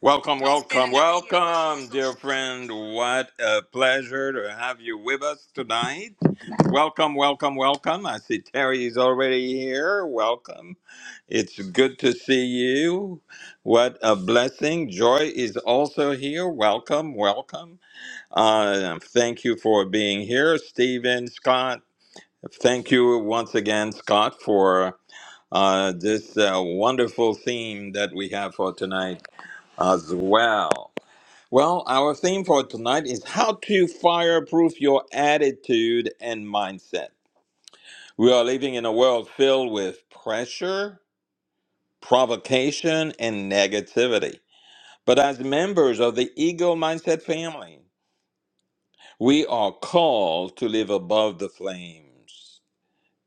Welcome, welcome, welcome, dear friend. What a pleasure to have you with us tonight. Welcome, welcome, welcome. I see Terry is already here. Welcome. It's good to see you. What a blessing. Joy is also here. Welcome, welcome. Uh, thank you for being here, Stephen, Scott. Thank you once again, Scott, for uh, this uh, wonderful theme that we have for tonight as well. Well, our theme for tonight is how to fireproof your attitude and mindset. We are living in a world filled with pressure, provocation, and negativity. But as members of the Eagle Mindset family, we are called to live above the flames,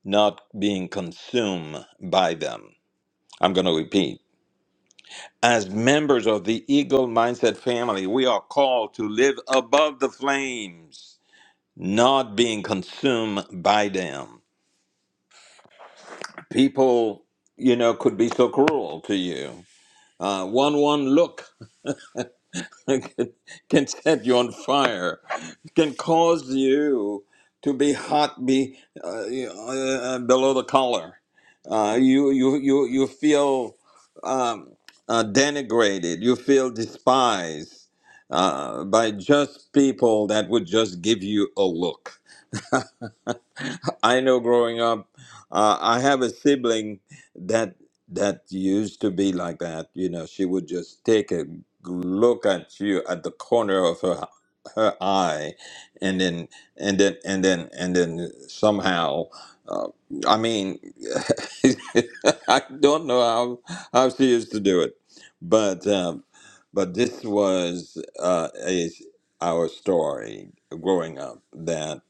not being consumed by them. I'm going to repeat. As members of the Eagle Mindset family, we are called to live above the flames not being consumed by them. People, you know, could be so cruel to you. Uh, one one look can set you on fire, can cause you to be hot, be uh, you know, uh, uh, below the collar. Uh, you you you you feel um, uh, denigrated. You feel despised uh, by just people that would just give you a look. I know growing up, uh, I have a sibling that that used to be like that. You know, she would just take a g- look at you at the corner of her her eye, and then and then and then and then somehow. Uh, I mean, I don't know how how she used to do it, but um, but this was uh, a, our story growing up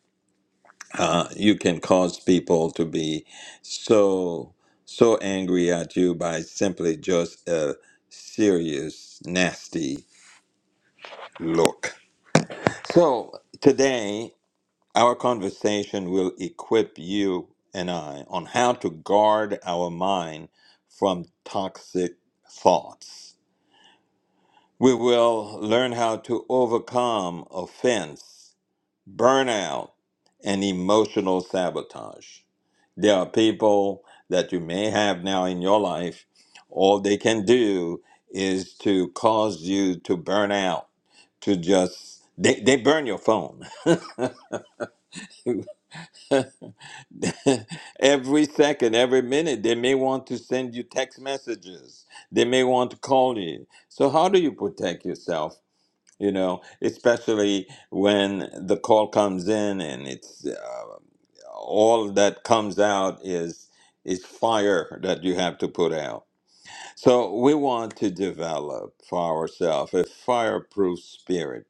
uh, you can cause people to be so so angry at you by simply just a serious nasty look so today our conversation will equip you and i on how to guard our mind from toxic thoughts we will learn how to overcome offense burnout and emotional sabotage There are people that you may have now in your life, all they can do is to cause you to burn out, to just, they, they burn your phone. every second, every minute, they may want to send you text messages. They may want to call you. So, how do you protect yourself? You know, especially when the call comes in and it's uh, all that comes out is is fire that you have to put out So we want to develop for ourselves a fireproof spirit,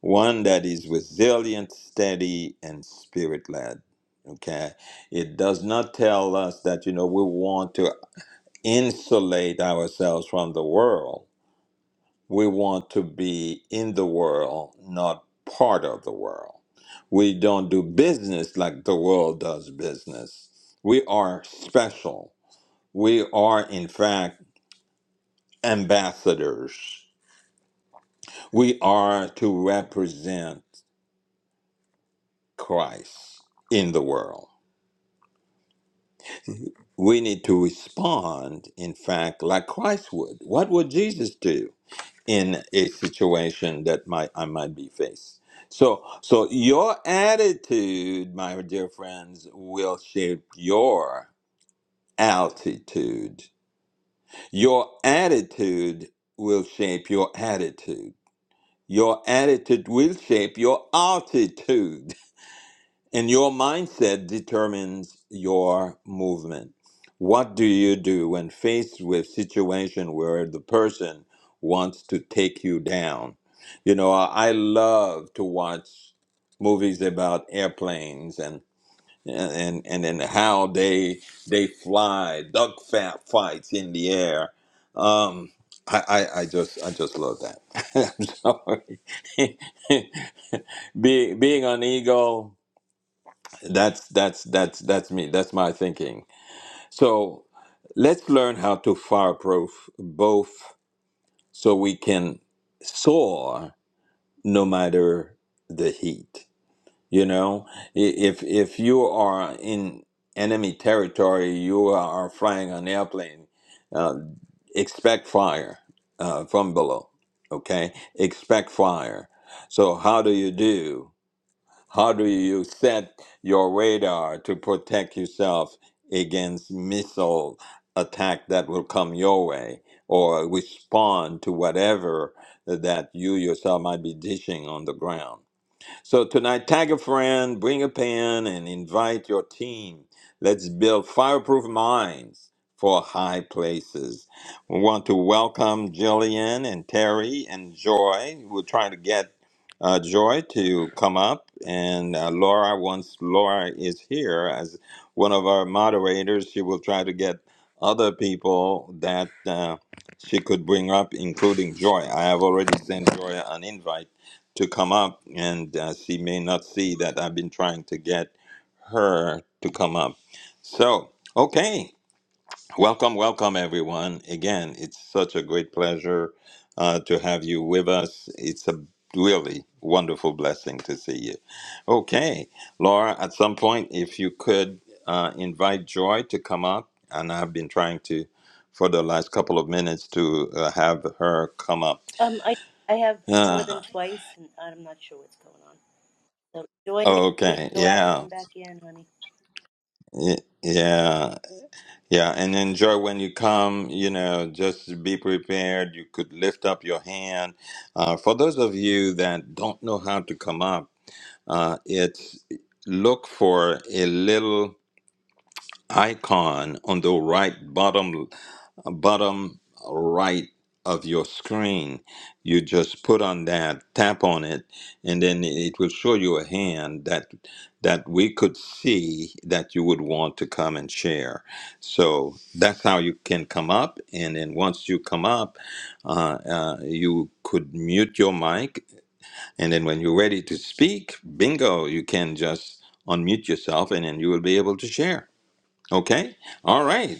one that is resilient, steady, and spirit led. Okay. It does not tell us that, you know, we want to insulate ourselves from the world. We want to be in the world, not part of the world. We don't do business like the world does business. We are special. We are, in fact, ambassadors We are to represent Christ in the world. We need to respond, in fact, like Christ would. What would Jesus do in a situation that might I might be faced? So, so your attitude, my dear friends, will shape your altitude. Your attitude will shape your attitude. Your attitude will shape your altitude. And your mindset determines your movement. What do you do when faced with situation where the person wants to take you down? You know, I I love to watch movies about airplanes and and and, and how they they fly, duck fat fights in the air. Um, I, I, I just I just love that. I'm sorry. Be, being an ego. That's that's that's that's me. That's my thinking. So let's learn how to fireproof both, so we can soar no matter the heat. You know, I- if if you are in enemy territory, you are flying an airplane. Uh, expect fire uh, from below. Okay, expect fire. So how do you do? How do you set your radar to protect yourself against missile attack that will come your way or respond to whatever that you yourself might be dishing on the ground? So tonight, tag a friend, bring a pen, and invite your team. Let's build fireproof minds for high places. We want to welcome Jillian and Terry and Joy. We're trying to get uh, Joy to come up, and uh, Laura. Once Laura is here as one of our moderators, she will try to get other people that uh, she could bring up, including Joy. I have already sent Joy an invite to come up, and uh, she may not see that I've been trying to get her to come up. So, okay, welcome, welcome, everyone. Again, it's such a great pleasure uh, to have you with us. It's a really wonderful blessing to see you. Okay, Laura, at some point, if you could uh, invite Joy to come up, and I've been trying to for the last couple of minutes to uh, have her come up. Um, I I have more than Uh, twice, and I'm not sure what's going on. So, Joy, maybe you need okay, to go out and yeah. come back in, honey. Y- Yeah, yeah, and enjoy when you come. You know, just be prepared. You could lift up your hand. Uh, for those of you that don't know how to come up, uh, it's look for a little icon on the right bottom bottom right of your screen. You just put on that, tap on it, and then it will show you a hand that that we could see that you would want to come and share. So that's how you can come up, and then once you come up, uh, uh, you could mute your mic, and then when you're ready to speak, bingo, you can just unmute yourself, and then you will be able to share. Okay. All right.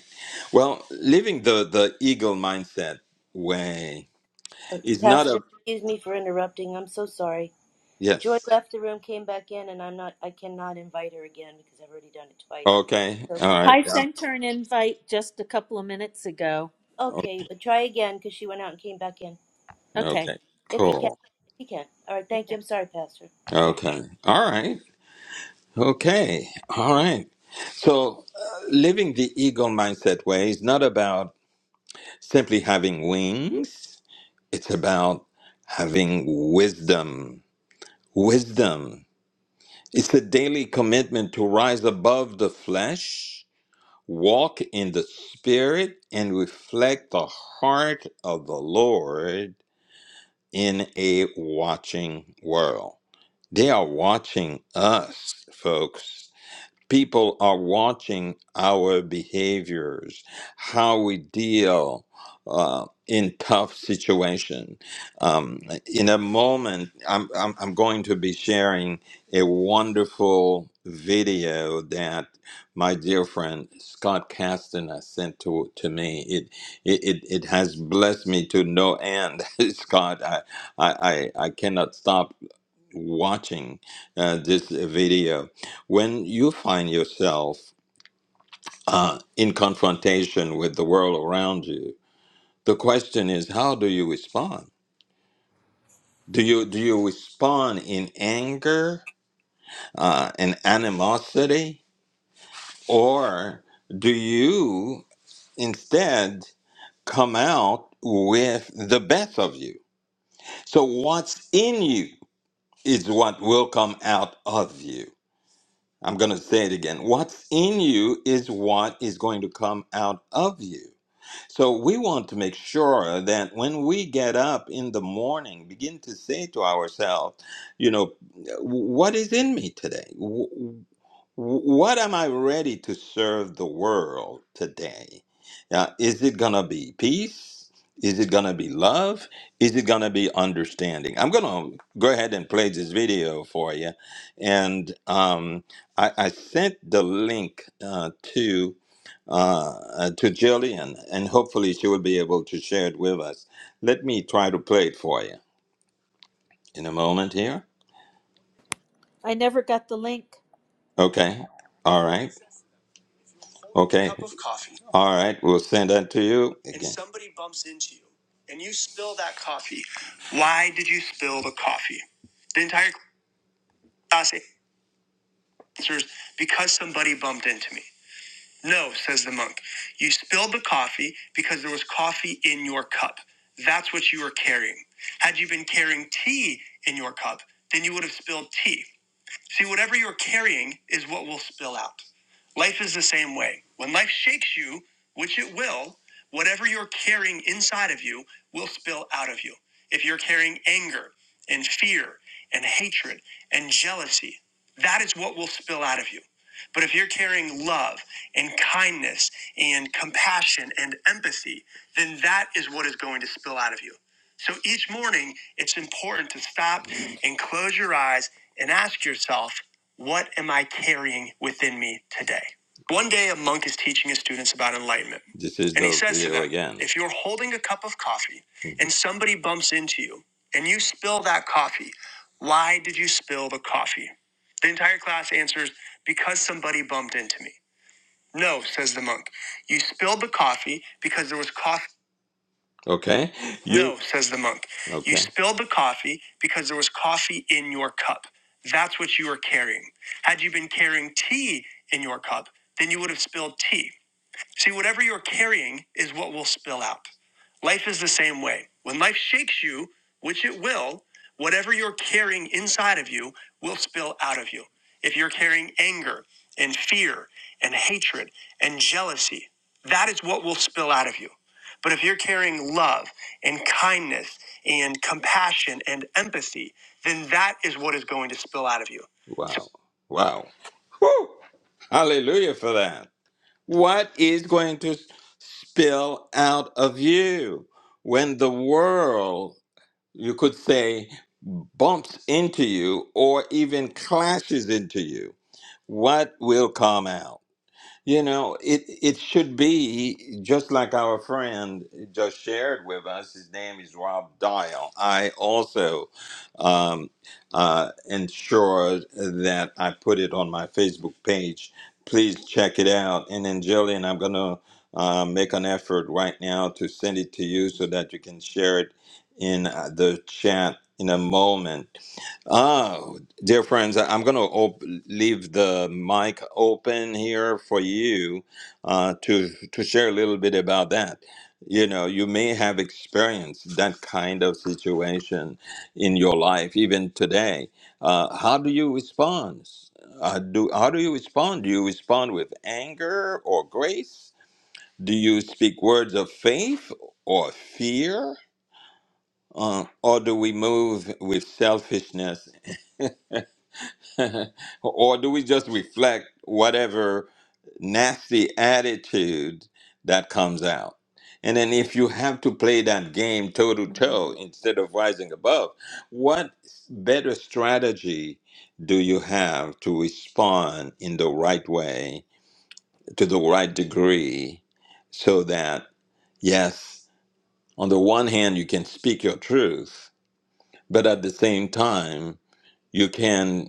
Well, living the the eagle mindset way Uh, is not Pastor, a excuse me for interrupting. I'm so sorry. Joy yes. left the room, came back in, and I'm not. I cannot invite her again because I've already done it twice. Okay. So All can right. I, I Yeah. sent her an invite just a couple of minutes ago. O- okay, uh, try again because she went out and came back in. Okay. Okay. If you can, Cool. if you can. All right, thank you. Okay. I'm sorry, Pastor. Yeah. Okay. All right. Okay. All right. So, uh, living the eagle mindset way is not about simply having wings. It's about having wisdom. Wisdom. It's a daily commitment to rise above the flesh Walk in the Spirit and reflect the heart of the Lord in a watching world. They are watching us, folks people are watching our behaviors, how we deal uh, in tough situation. Um, in a moment, I'm, I'm, I'm going to be sharing a wonderful video that my dear friend Scott Castaner sent to, to me. It, it, it, it has blessed me to no end. Scott, I, I, I I cannot stop watching uh, this video, when you find yourself uh, in confrontation with the world around you, the question is, how do you respond? Do you do you respond in anger uh, and animosity, or do you instead come out with the best of you? So what's in you is what will come out of you. I'm going to say it again. What's in you is what is going to come out of you. So we want to make sure that when we get up in the morning, begin to say to ourselves, you know, what is in me today? W- what am I ready to serve the world today? Uh, is it going to be peace? Is it going to be love? Is it going to be understanding? I'm going to go ahead and play this video for you. And um, I, I sent the link uh, to uh, uh, to Jillian, and hopefully she will be able to share it with us. Let me try to play it for you in a moment here. I never got the link. Okay. All right. Okay. Cup of coffee. All right, we'll send that to you. And again. somebody bumps into you and you spill that coffee. Why did you spill the coffee? The entire class answers because somebody bumped into me. No, says the monk. You spilled the coffee because there was coffee in your cup. That's what you were carrying. Had you been carrying tea in your cup, then you would have spilled tea. See, whatever you're carrying is what will spill out. Life is the same way. When life shakes you, which it will, whatever you're carrying inside of you will spill out of you. If you're carrying anger and fear and hatred and jealousy, that is what will spill out of you. But if you're carrying love and kindness and compassion and empathy, then that is what is going to spill out of you. So each morning, it's important to stop and close your eyes and ask yourself, what am I carrying within me today? One day, a monk is teaching his students about enlightenment. This is and he says to them, again. If you're holding a cup of coffee mm-hmm. and somebody bumps into you and you spill that coffee, why did you spill the coffee? The entire class answers, because somebody bumped into me. No, says the monk. You spilled the coffee because there was coffee. Okay. You, no, says the monk. Okay. You Okay. spilled the coffee because there was coffee in your cup. That's what you were carrying. Had you been carrying tea in your cup, then you would have spilled tea. See, whatever you're carrying is what will spill out. Life is the same way. When life shakes you, which it will, whatever you're carrying inside of you will spill out of you. If you're carrying anger and fear and hatred and jealousy, that is what will spill out of you. But if you're carrying love and kindness and compassion and empathy, then that is what is going to spill out of you. Wow. Wow. Woo! Hallelujah for that. What is going to spill out of you when the world, you could say, bumps into you or even clashes into you? What will come out? You know, it it should be just like our friend just shared with us. His name is Rob Dial. I also um, uh, ensured that I put it on my Facebook page. Please check it out. And then, Jillian, I'm going to uh, make an effort right now to send it to you so that you can share it in uh, the chat in a moment. Oh, dear friends, I'm going to op- leave the mic open here for you uh, to to share a little bit about that. You know, you may have experienced that kind of situation in your life, even today. Uh, how do you respond? Uh, do how do you respond? Do you respond with anger or grace? Do you speak words of faith or fear? Uh, or do we move with selfishness or do we just reflect whatever nasty attitude that comes out? And then if you have to play that game toe to Mhm. toe instead of rising above, what better strategy do you have to respond in the right way, to the right degree, so that, yes, on the one hand, you can speak your truth, but at the same time, you can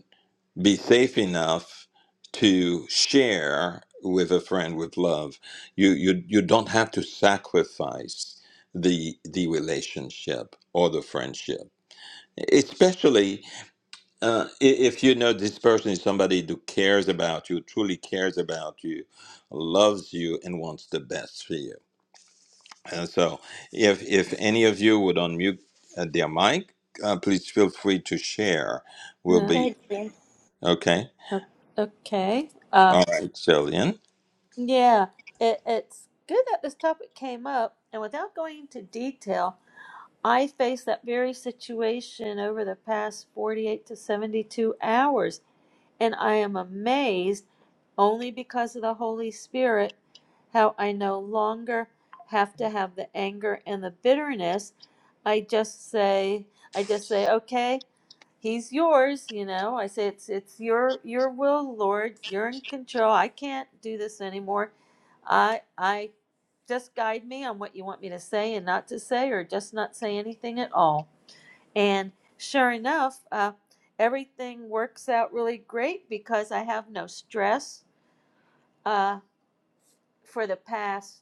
be safe enough to share with a friend with love. You you you don't have to sacrifice the the relationship or the friendship. Especially uh, i- if you know this person is somebody who cares about you, truly cares about you, loves you, and wants the best for you. And so, if if any of you would unmute uh, their mic, uh, please feel free to share. We'll Uh, Go be ahead, Julian. okay. o- okay. Uh, All right, Jillian. yeah. It, it's good that this topic came up, and without going into detail, I faced that very situation over the past 48 to 72 hours, and I am amazed. Only because of the Holy Spirit, how I no longer have to have the anger and the bitterness. I just say, I just say, okay, he's yours. You know, I say it's it's your your will, Lord. You're in control. I can't do this anymore. I I just guide me on what you want me to say and not to say, or just not say anything at all. And sure enough, uh, everything works out really great because I have no stress uh, for the past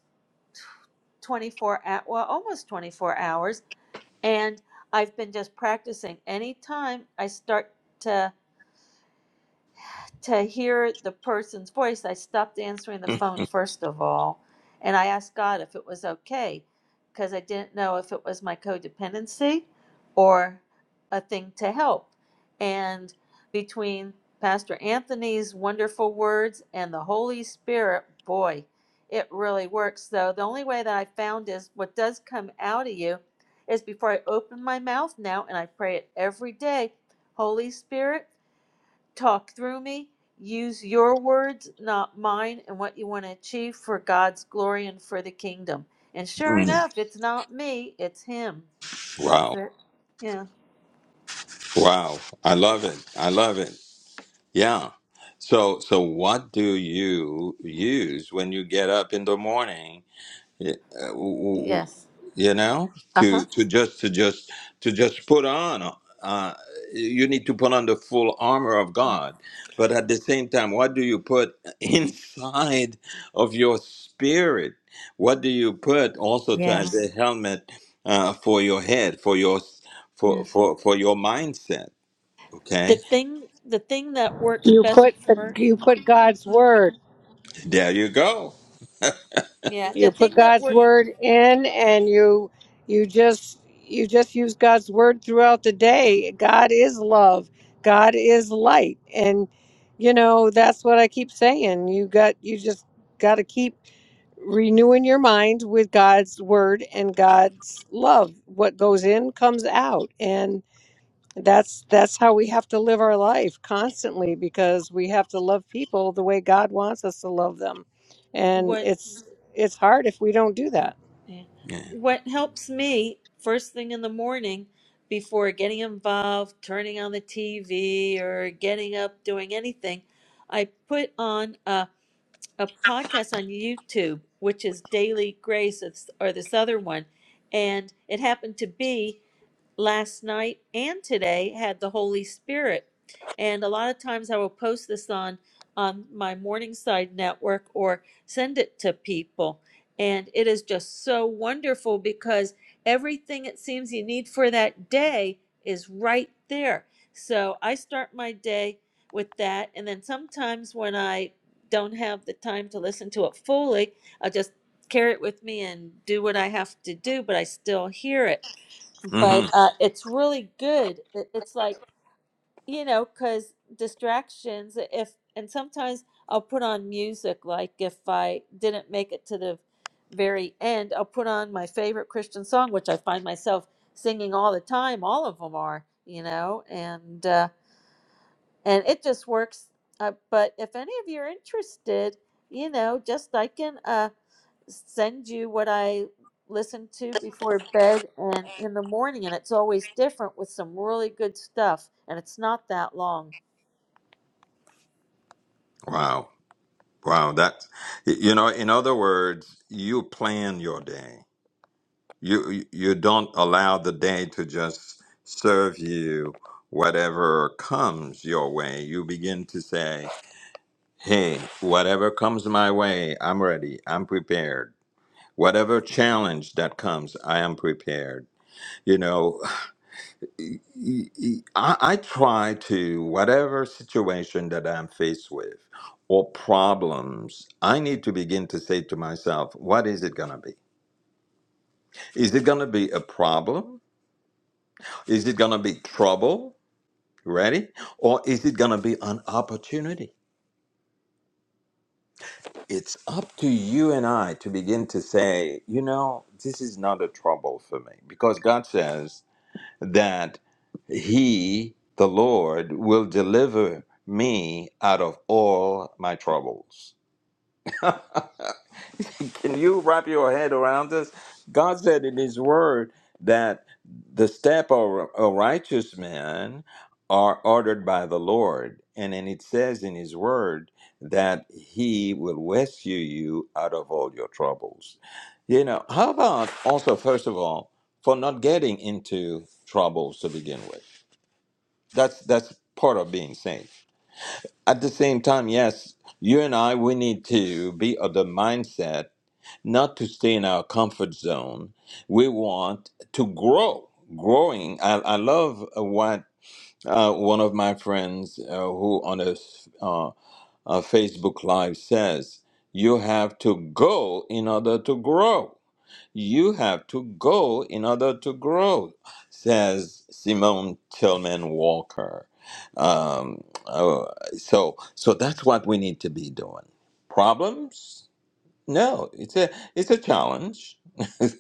24 well almost 24 hours and i've been just practicing anytime i start to to hear the person's voice, I stopped answering the phone first of all, and I asked God if it was okay because I didn't know if it was my codependency or a thing to help. And between Pastor Anthony's wonderful words and the Holy Spirit, boy, it really works. Though the only way that I found is what does come out of you is before I open my mouth now and I pray it every day. Holy Spirit, talk through me. Use your words, not mine, and what you want to achieve for God's glory and for the kingdom. And sure Mm. enough, it's not me, it's Him. That's Wow. it. Yeah. Wow. I love it. I love it. Yeah. So so what do you use when you get up in the morning Yeah, uh, w- w- w- Yes. you know Uh huh. to to just to just to just put on uh, you need to put on the full armor of god but at the same time what do you put inside of your spirit what do you put also to as a Yes. helmet uh, for your head for your for Yes. for for your mindset The okay thing, the thing that works You best put the for you put God's word. there you go yeah, the You put thing that God's work word in and you you just you just use God's word throughout the day. God is love. God is light. And you know, that's what I keep saying. You got you just got to keep renewing your mind with God's word and God's love. What goes in comes out. and. That's that's how we have to live our life constantly because we have to love people the way God wants us to love them. And what it's it's hard if we don't do that. yeah, yeah what helps me first thing in the morning before getting involved, turning on the TV or getting up, doing anything I put on. a. a podcast on YouTube, which is Daily Grace or this other one, and it happened to be last night and today had the Holy Spirit. And a lot of times I will post this on on my Morningside network or send it to people. And it is just so wonderful because everything it seems you need for that day is right there. So I start my day with that. And then sometimes when I don't have the time to listen to it fully, I just carry it with me and do what I have to do, but I still hear it but hmm uh, it's really good. It- It's like you know, because distractions. If and sometimes I'll put on music. Like if I didn't make it to the very end, I'll put on my favorite Christian song, which I find myself singing all the time. All of them are, you know, and. Uh, and it just works. Uh, but if any of you are interested, you know, just I can uh, send you what I listen to before bed and in the morning, and it's always different with some really good stuff, and it's not that long. wow wow that's you know in other words you plan your day You you don't allow the day to just serve you whatever comes your way. You begin to say, "Hey, whatever comes my way, I'm ready. I'm prepared. Whatever challenge that comes, I am prepared." You know, y- y- I, I try to whatever situation that I'm faced with or problems, I need to begin to say to myself, "What is it gonna be? Is it gonna be a problem?" Is it going to be trouble? Ready? Or is it going to be an opportunity? It's up to you and I to begin to say, you know, this is not a trouble for me. Because God says that He, the Lord, will deliver me out of all my troubles. Can you wrap your head around this? God said in His Word that the step of a righteous man are ordered by the Lord, and then it says in His Word that He will rescue you out of all your troubles. You know, how about also first of all for not getting into troubles to begin with? That's that's part of being saved. At the same time, yes, you and I we need to be of the mindset not to stay in our comfort zone. We want to grow. Growing. I, I love what uh, one of my friends uh, who on a, s- uh, a Facebook Live says you have to go in order to grow. You have to go in order to grow, says Simone Tillman Walker. Um, oh, so, so that's what we need to be doing. Problems? No, it's a it's a challenge.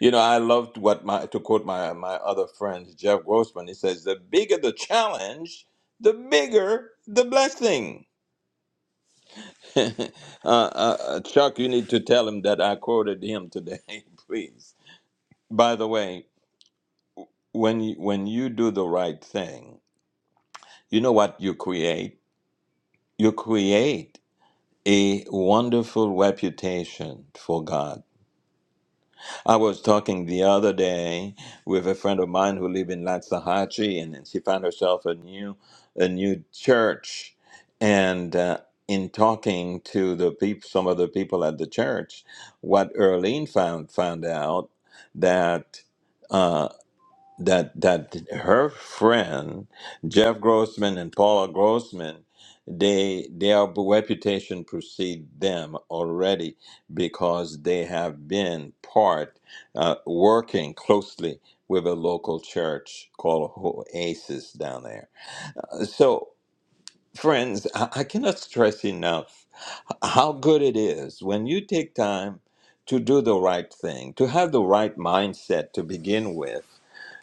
you know, I loved what my to quote my my other friend Jeff Grossman. He says, "The bigger the challenge, the bigger the blessing." uh, uh, uh, Chuck, you need to tell him that I quoted him today, please. By the way, when you, when you do the right thing, you know what you create. You create a wonderful reputation for God I was talking the other day with a friend of mine who lives in Latsahachi, and then she found herself a new, a new church. And uh, in talking to the peop- some of the people at the church, what Earlene found found out that. uh, that that her friend Jeff Grossman and Paula Grossman they their reputation precede them already because they have been part uh, working closely with a local church called Oasis down there. So friends, I, I cannot stress enough how good it is when you take time to do the right thing, to have the right mindset to begin with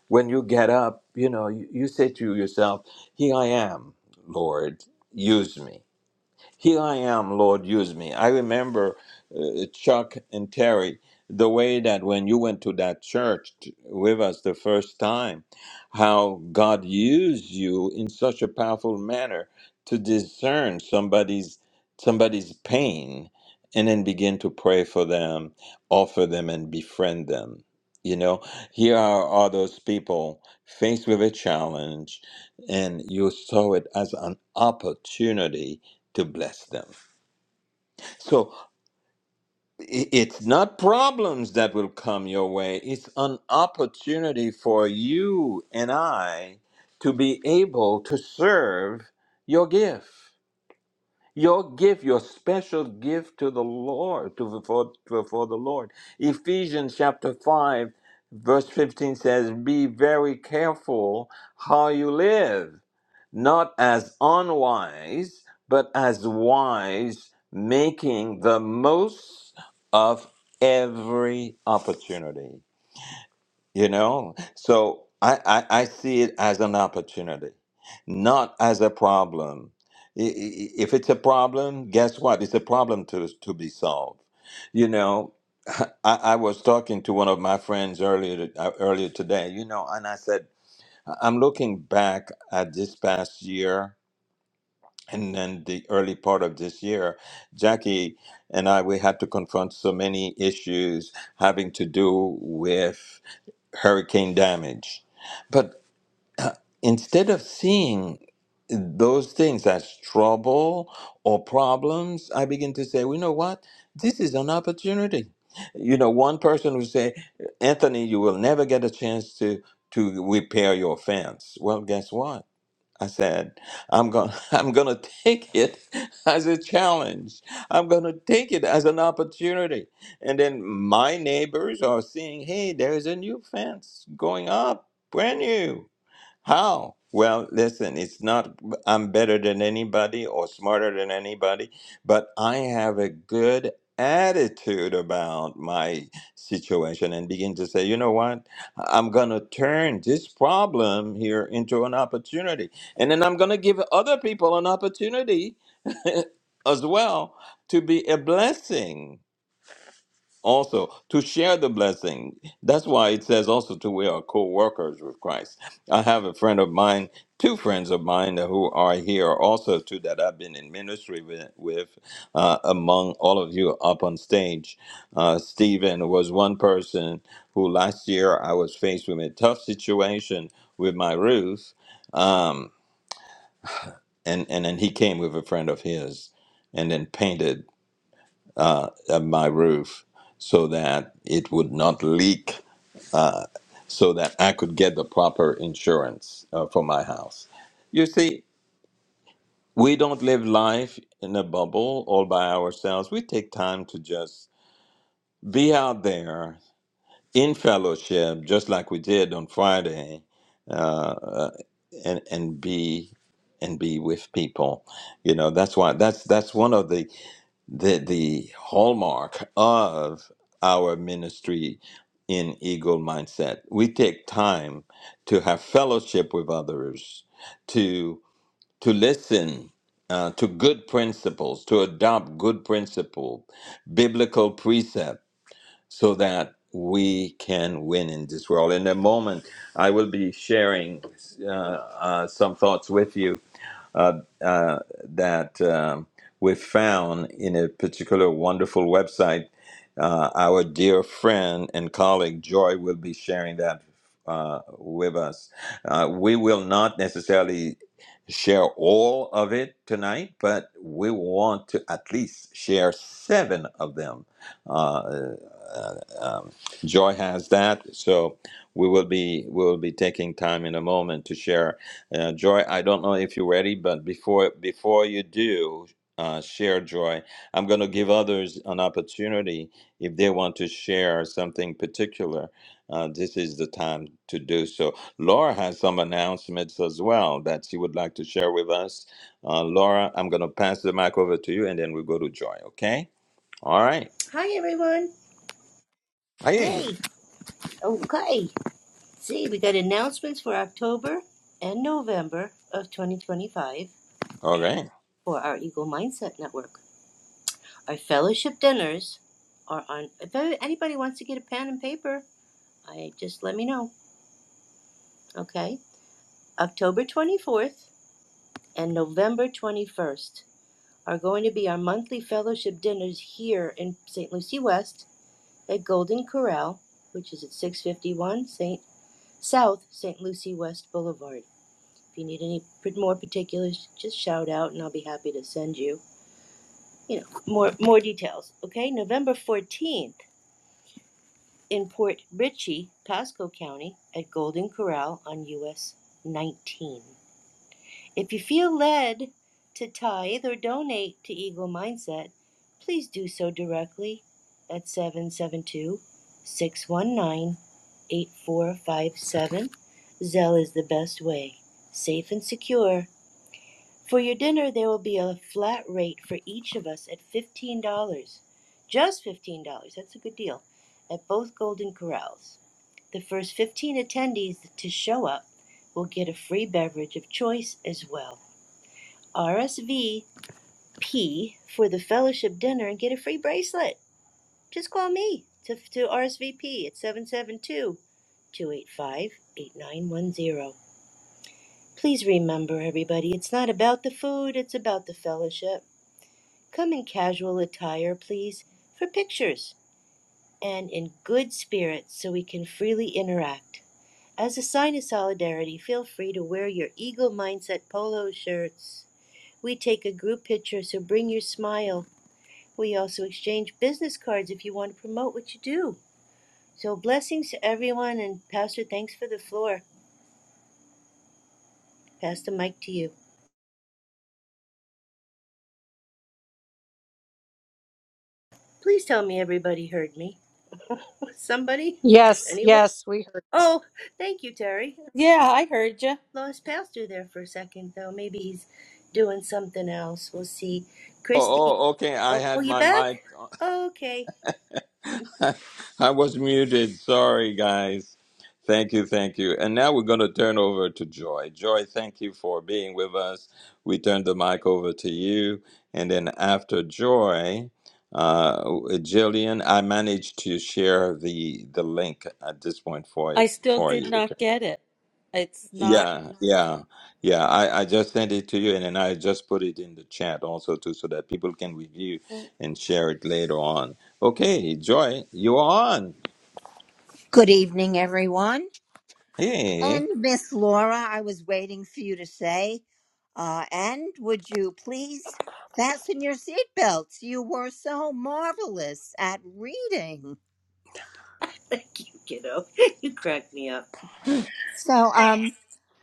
when you get up, you know, you, you say to yourself, Here I am, Lord, use me. Here I am, Lord, use me. I remember uh, Chuck and Terry, the way that when you went to that church t- with us the first time, how God used you in such a powerful manner to discern somebody's somebody's pain and then begin to pray for them, offer them and befriend them. You know, here are, are those people faced with a challenge, and you saw it as an opportunity to bless them. So i- it's not problems that will come your way, it's an opportunity for you and I to be able to serve your gift. Your gift, your special gift to the Lord, to for, for, the Lord. Ephesians chapter 5, verse 15 says, Be very careful how you live not as unwise, but as wise, making the most of every opportunity. You know, so I, I, I see it as an opportunity, not as a problem. I- i- If it's a problem, guess what? It's a problem to, to be solved. You know, I, I was talking to one of my friends earlier to- uh, earlier today, you know, and I said, "I- I'm looking back at this past year and then the early part of this year. Jackie and I, we had to confront so many issues having to do with hurricane damage. But uh, instead of seeing those things as trouble or problems, I begin to say, well, you know what? This is an opportunity. You know, one person would say, Anthony, you will never get a chance to to repair your fence. Well, guess what? I said, I'm going I'm going to take it as a challenge. I'm going to take it as an opportunity. And then my neighbors are seeing, "Hey, there's a new fence going up, brand new." How? Well, listen, it's not I'm better than anybody or smarter than anybody, but I have a good attitude about my situation and begin to say, you know what? I'm going to turn this problem here into an opportunity. And then I'm going to give other people an opportunity as well to be a blessing also to share the blessing. That's why it says also to we are co-workers with Christ. I have a friend of mine, two friends of mine who are here also too that I've been in ministry with, with uh, among all of you up on stage. Uh, Stephen was one person who last year I was faced with a tough situation with my roof. Um, and, and then he came with a friend of his and then painted uh, uh, my roof so that it would not leak so that I could get the proper insurance uh, for my house. You see, we don't live life in a bubble all by ourselves. We take time to just be out there in fellowship, just like we did on Friday, uh, uh, and and be and be with people. You know, that's why that's that's one of the the the hallmark of our ministry in eagle mindset we take time to have fellowship with others to to listen uh, to good principles to adopt good principle biblical precept so that we can win in this world in a moment i will be sharing uh, uh, some thoughts with you uh, uh, that um, we found in a particular wonderful website. Uh, our dear friend and colleague Joy will be sharing that uh, with us. Uh, we will not necessarily share all of it tonight, but we want to at least share seven of them. Uh, uh, um, Joy has that, so we will be we will be taking time in a moment to share uh, Joy, I don't know if you're ready, but before before you do uh, share, Joy, I'm going to give others an opportunity if they want to share something particular. Uh, this is the time to do so. Laura has some announcements as well that she would like to share with us. Uh, Laura, I'm going to pass the mic over to you, and then we'll go to Joy. Okay? All right. Hi, everyone. Hey. Hey. Okay. See, we got announcements for October and November of 2025 Okay. for our Eagle Mindset Network. Our fellowship dinners are on. If anybody wants to get a pen and paper, I just let me know. Okay, October twenty fourth and November twenty first are going to be our monthly fellowship dinners here in St. Lucie West at Golden Corral, which is at six fifty one St. South St. Lucie West Boulevard. If you need any more particulars, just shout out, and I'll be happy to send you, you know, more more details. Okay, November fourteenth in Port Richey, Pasco County, at Golden Corral on US 19. If you feel led to tithe or donate to Eagle Mindset, please do so directly at 772 619 8457. Zelle is the best way, safe and secure. For your dinner, there will be a flat rate for each of us at $15. Just $15. That's a good deal at both Golden Corrals. The first 15 attendees to show up will get a free beverage of choice as well. RSVP for the fellowship dinner and get a free bracelet. Just call me to, to RSVP at 772 285 8910. Please remember, everybody, it's not about the food, it's about the fellowship. Come in casual attire, please, for pictures and in good spirits so we can freely interact. As a sign of solidarity, feel free to wear your Eagle Mindset polo shirts. We take a group picture, so bring your smile. We also exchange business cards if you want to promote what you do. So, blessings to everyone, and Pastor, thanks for the floor. Pass the mic to you. Please tell me everybody heard me. Somebody? Yes, Anyone? yes, we heard. Oh, thank you, Terry. Yeah, I heard you. Lost Pastor there for a second, though. Maybe he's doing something else. We'll see. Christy. Oh, oh, okay. I Oh, oh had you my back? mic. Okay. I was muted. Sorry, guys. Thank you, thank you. And now we're going to turn over to Joy. Joy, thank you for being with us. We turn the mic over to you. And then after Joy, uh, Jillian, I managed to share the the link at this point for I it still for did you. not Okay. get it. It's not Yeah, yeah, yeah. I, I just sent it to you, and then I just put it in the chat also too, so that people can review to and share it later on. Okay, Joy, you're on. Good evening, everyone. Hey. And Miss Laura, I was waiting for you to say, uh, and would you please fasten your seatbelts? You were so marvelous at reading. Thank you, kiddo. You cracked me up. So, um,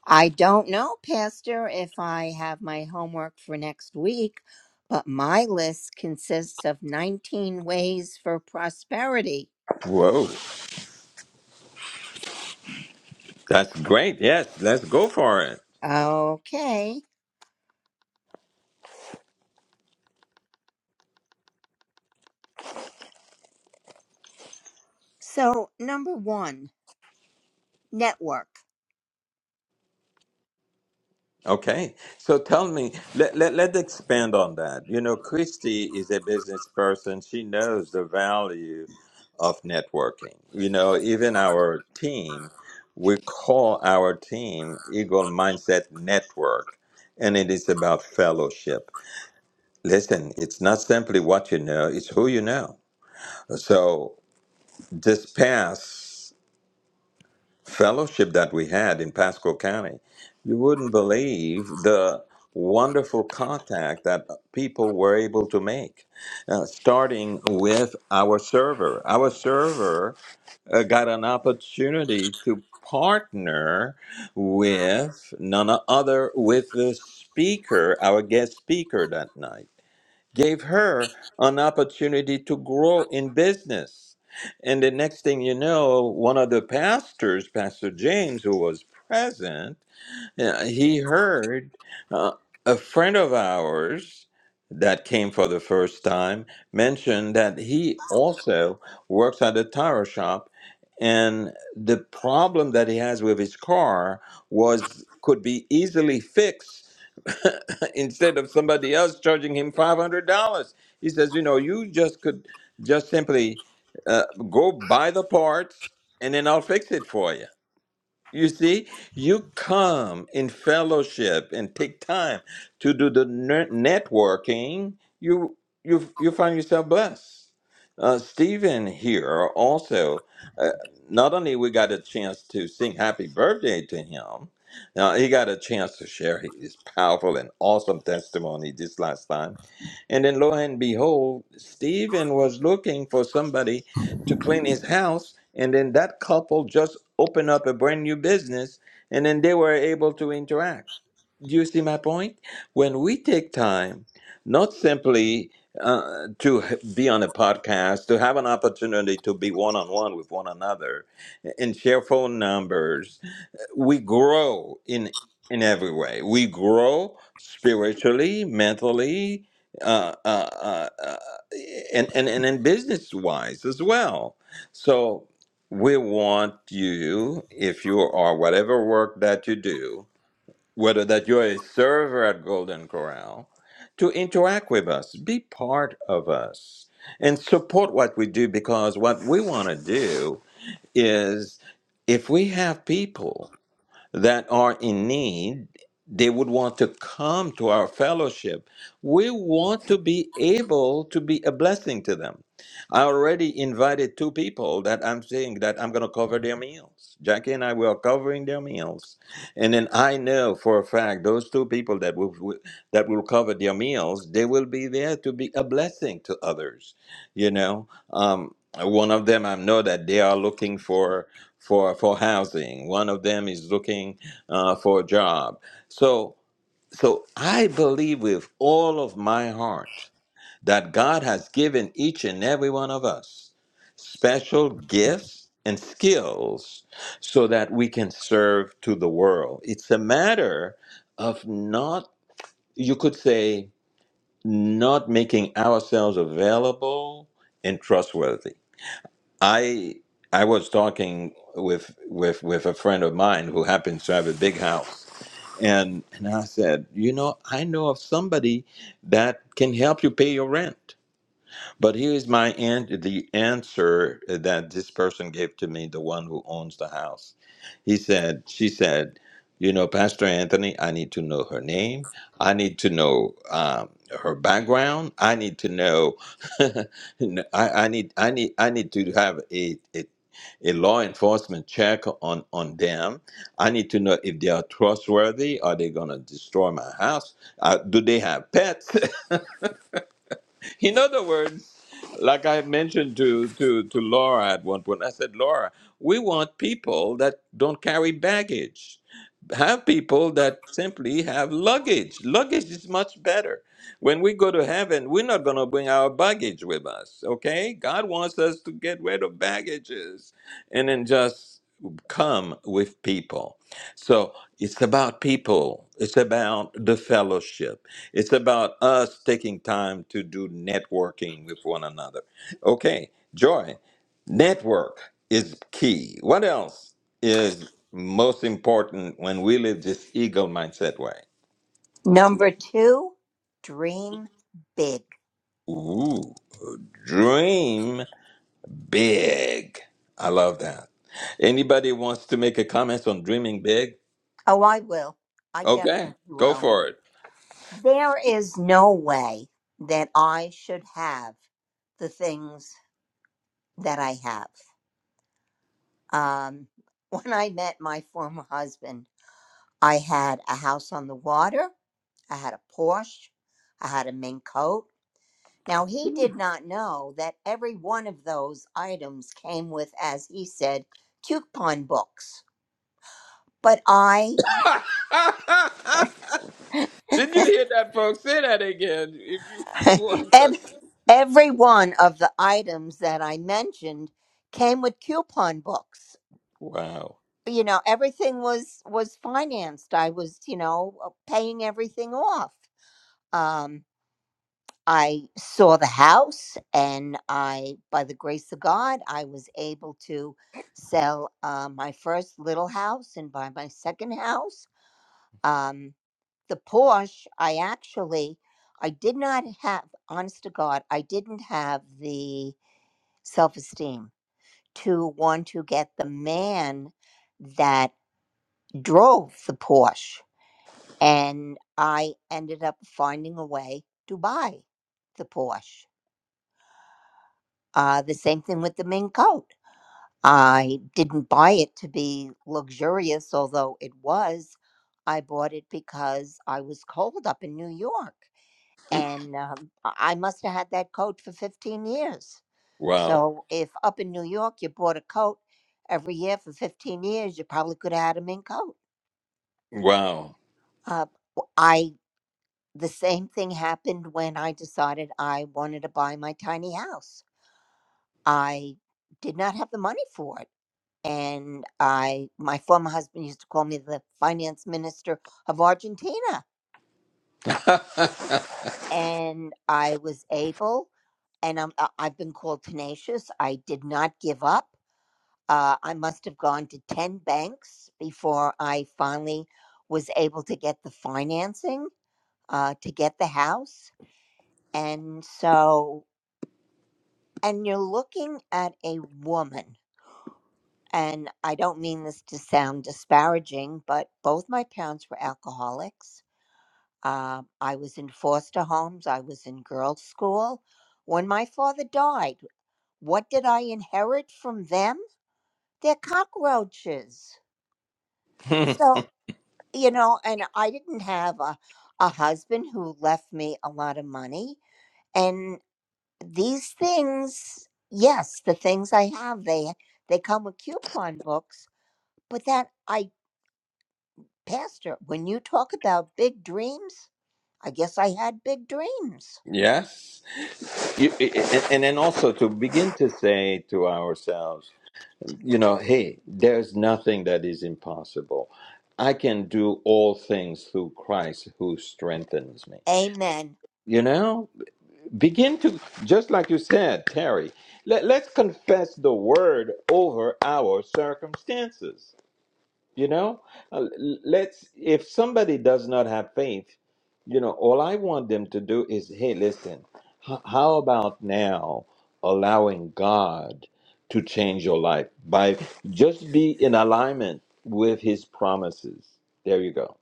I don't know, Pastor, if I have my homework for next week, but my list consists of 19 ways for prosperity. Whoa. That's great. Yes, let's go for it. Okay. So, number one, network. Okay. So tell me, let, let, let's expand on that. You know, Christy is a business person. She knows the value of networking. You know, even our team, we call our team Eagle Mindset Network, and it is about fellowship. Listen, it's not simply what you know, it's who you know. So this pass. fellowship that we had in Pasco County, you wouldn't believe the wonderful contact that people were able to make, uh, starting with our server. Our server uh, got an opportunity to partner with none other with the speaker, our guest speaker that night gave her an opportunity to grow in business. And the next thing you know, one of the pastors, Pastor James, who was present, uh, he heard uh, a friend of ours that came for the first time mention that he also works at a tire shop and the problem that he has with his car was could be easily fixed instead of somebody else charging him $500. He says, you know, you just could just simply uh, go buy the parts and then I'll fix it for you you see, you come in fellowship and take time to do the ner- networking. You you you find yourself blessed. Uh, Stephen here also. Uh, not only we got a chance to sing happy birthday to him, Now he got a chance to share his powerful and awesome testimony this last time. And then lo and behold, Stephen was looking for somebody to clean his house and then that couple just opened up a brand new business and then they were able to interact do you see my point when we take time not simply uh, to h- be on a podcast to have an opportunity to be one-on-one with one another and share phone numbers we grow in in every way. We grow spiritually, mentally, uh, uh, uh, uh, and and and, and business wise as well. So we want you, if you are whatever work that you do, whether that you're a server at Golden Corral, to interact with us, be part of us, and support what we do because what we want to do is if we have people that are in need, they would want to come to our fellowship. We want to be able to be a blessing to them. I already invited two people that I'm saying that I'm going to cover their meals. Jackie and I we covering their meals, and then I know for a fact those two people that will will- that will cover their meals, they will be there to be a blessing to others. You know, um, one of them I know that they are looking for for for housing. One of them is looking uh, for a job. So so I believe with all of my heart that God has given each and every one of us special gifts and skills so that we can serve to the world. It's a matter of not you could say not making ourselves available and trustworthy I I was talking with with with a friend of mine who happens to have a big house, and and I said, you know, I know of somebody that can help you pay your rent. But here is my an- the answer that this person gave to me, the one who owns the house. He said, she said, you know, Pastor Anthony, I need to know her name. I need to know um, her background. I need to know. I, I need. I need. I need to have a, a a law enforcement check on on them. I need to know if they are trustworthy. Are they gonna destroy my house? Uh, do they have pets? In other words, like I mentioned to, to, to Laura at one point, I said, Laura, we want people that don't carry baggage. Have people that simply have luggage. Luggage is much better. When we go to heaven, we're not going to bring our baggage with us, okay? God wants us to get rid of baggages and then just come with people. So it's about people, it's about the fellowship. It's about us taking time to do networking with one another. Okay, Joy, network is key. What else is most important when we live this eagle mindset way? Number two, dream big. Ooh, dream big. I love that. Anybody wants to make a comment on dreaming big? Oh, I will. I Okay, definitely go will. for it. There is no way that I should have the things that I have. Um, when I met my former husband, I had a house on the water, I had a Porsche, I had a mink coat. Now, he did not know that every one of those items came with, as he said, coupon books. But I Did you hear that, folks? Say that again. If you want that. Ev- Every one of the items that I mentioned came with coupon books. Wow. You know, everything was was financed. I was, you know, uh, paying everything off. Um, I saw the house, and I, by the grace of God, I was able to sell uh, my first little house and buy my second house. Um, the Porsche, I actually, I did not have. Honest to God, I didn't have the self esteem to want to get the man that drove the Porsche. And I ended up finding a way to buy the Porsche. Uh, the same thing with the mink coat. I didn't buy it to be luxurious, although it was. I bought it because I was cold up in New York. And um, I I must have had that coat for 15 years Wow. So if up in New York you bought a coat every year for 15 years, you probably could have had a mink coat. Wow. Uh, w- I the same thing happened when I decided I wanted to buy my tiny house. I did not have the money for it. And I my former husband used to call me the finance minister of Argentina. And I was able and I'm, I- I've been called tenacious. I did not give up. Uh, I must have gone to 10 banks before I finally was able to get the financing uh, to get the house. And so, and you're looking at a woman, and I don't mean this to sound disparaging, but both my parents were alcoholics. Uh, I was in foster homes, I was in girls' school. When my father died, what did I inherit from them? Their cockroaches. Hmm. So, you know and i didn't have a, a husband who left me a lot of money and these things yes the things i have they they come with coupon books but that i pastor when you talk about big dreams i guess i had big dreams yes. You, i- i- and then also to begin to say to ourselves, you know, hey, there's nothing that is impossible. I can do all things through Christ who strengthens me. amen You know, begin to, just like you said, Terry, let, let's confess the word over our circumstances You know, Uh, l- let's, if somebody does not have faith, you know, all I want them to do is, hey, listen, h- how about now allowing God to change your life by just be in alignment with his promises? There you go.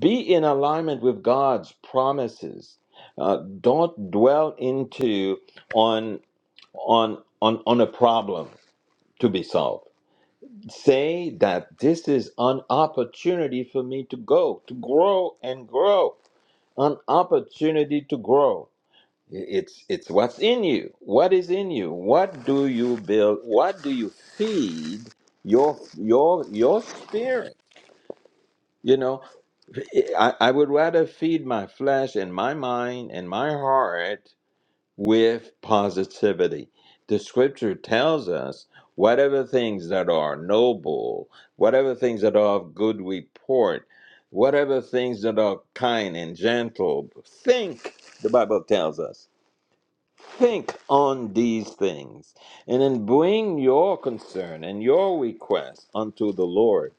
Be in alignment with God's promises. Uh, don't dwell into on on on on a problem to be solved say that this is an opportunity for me to go to grow and grow an opportunity to grow it's it's what's in you what is in you what do you build what do you feed your your your spirit you know i, I would rather feed my flesh and my mind and my heart with positivity. The scripture tells us whatever things that are noble, whatever things that are of good report, whatever things that are kind and gentle, think, the Bible tells us, think on these things. And then bring your concern and your request unto the Lord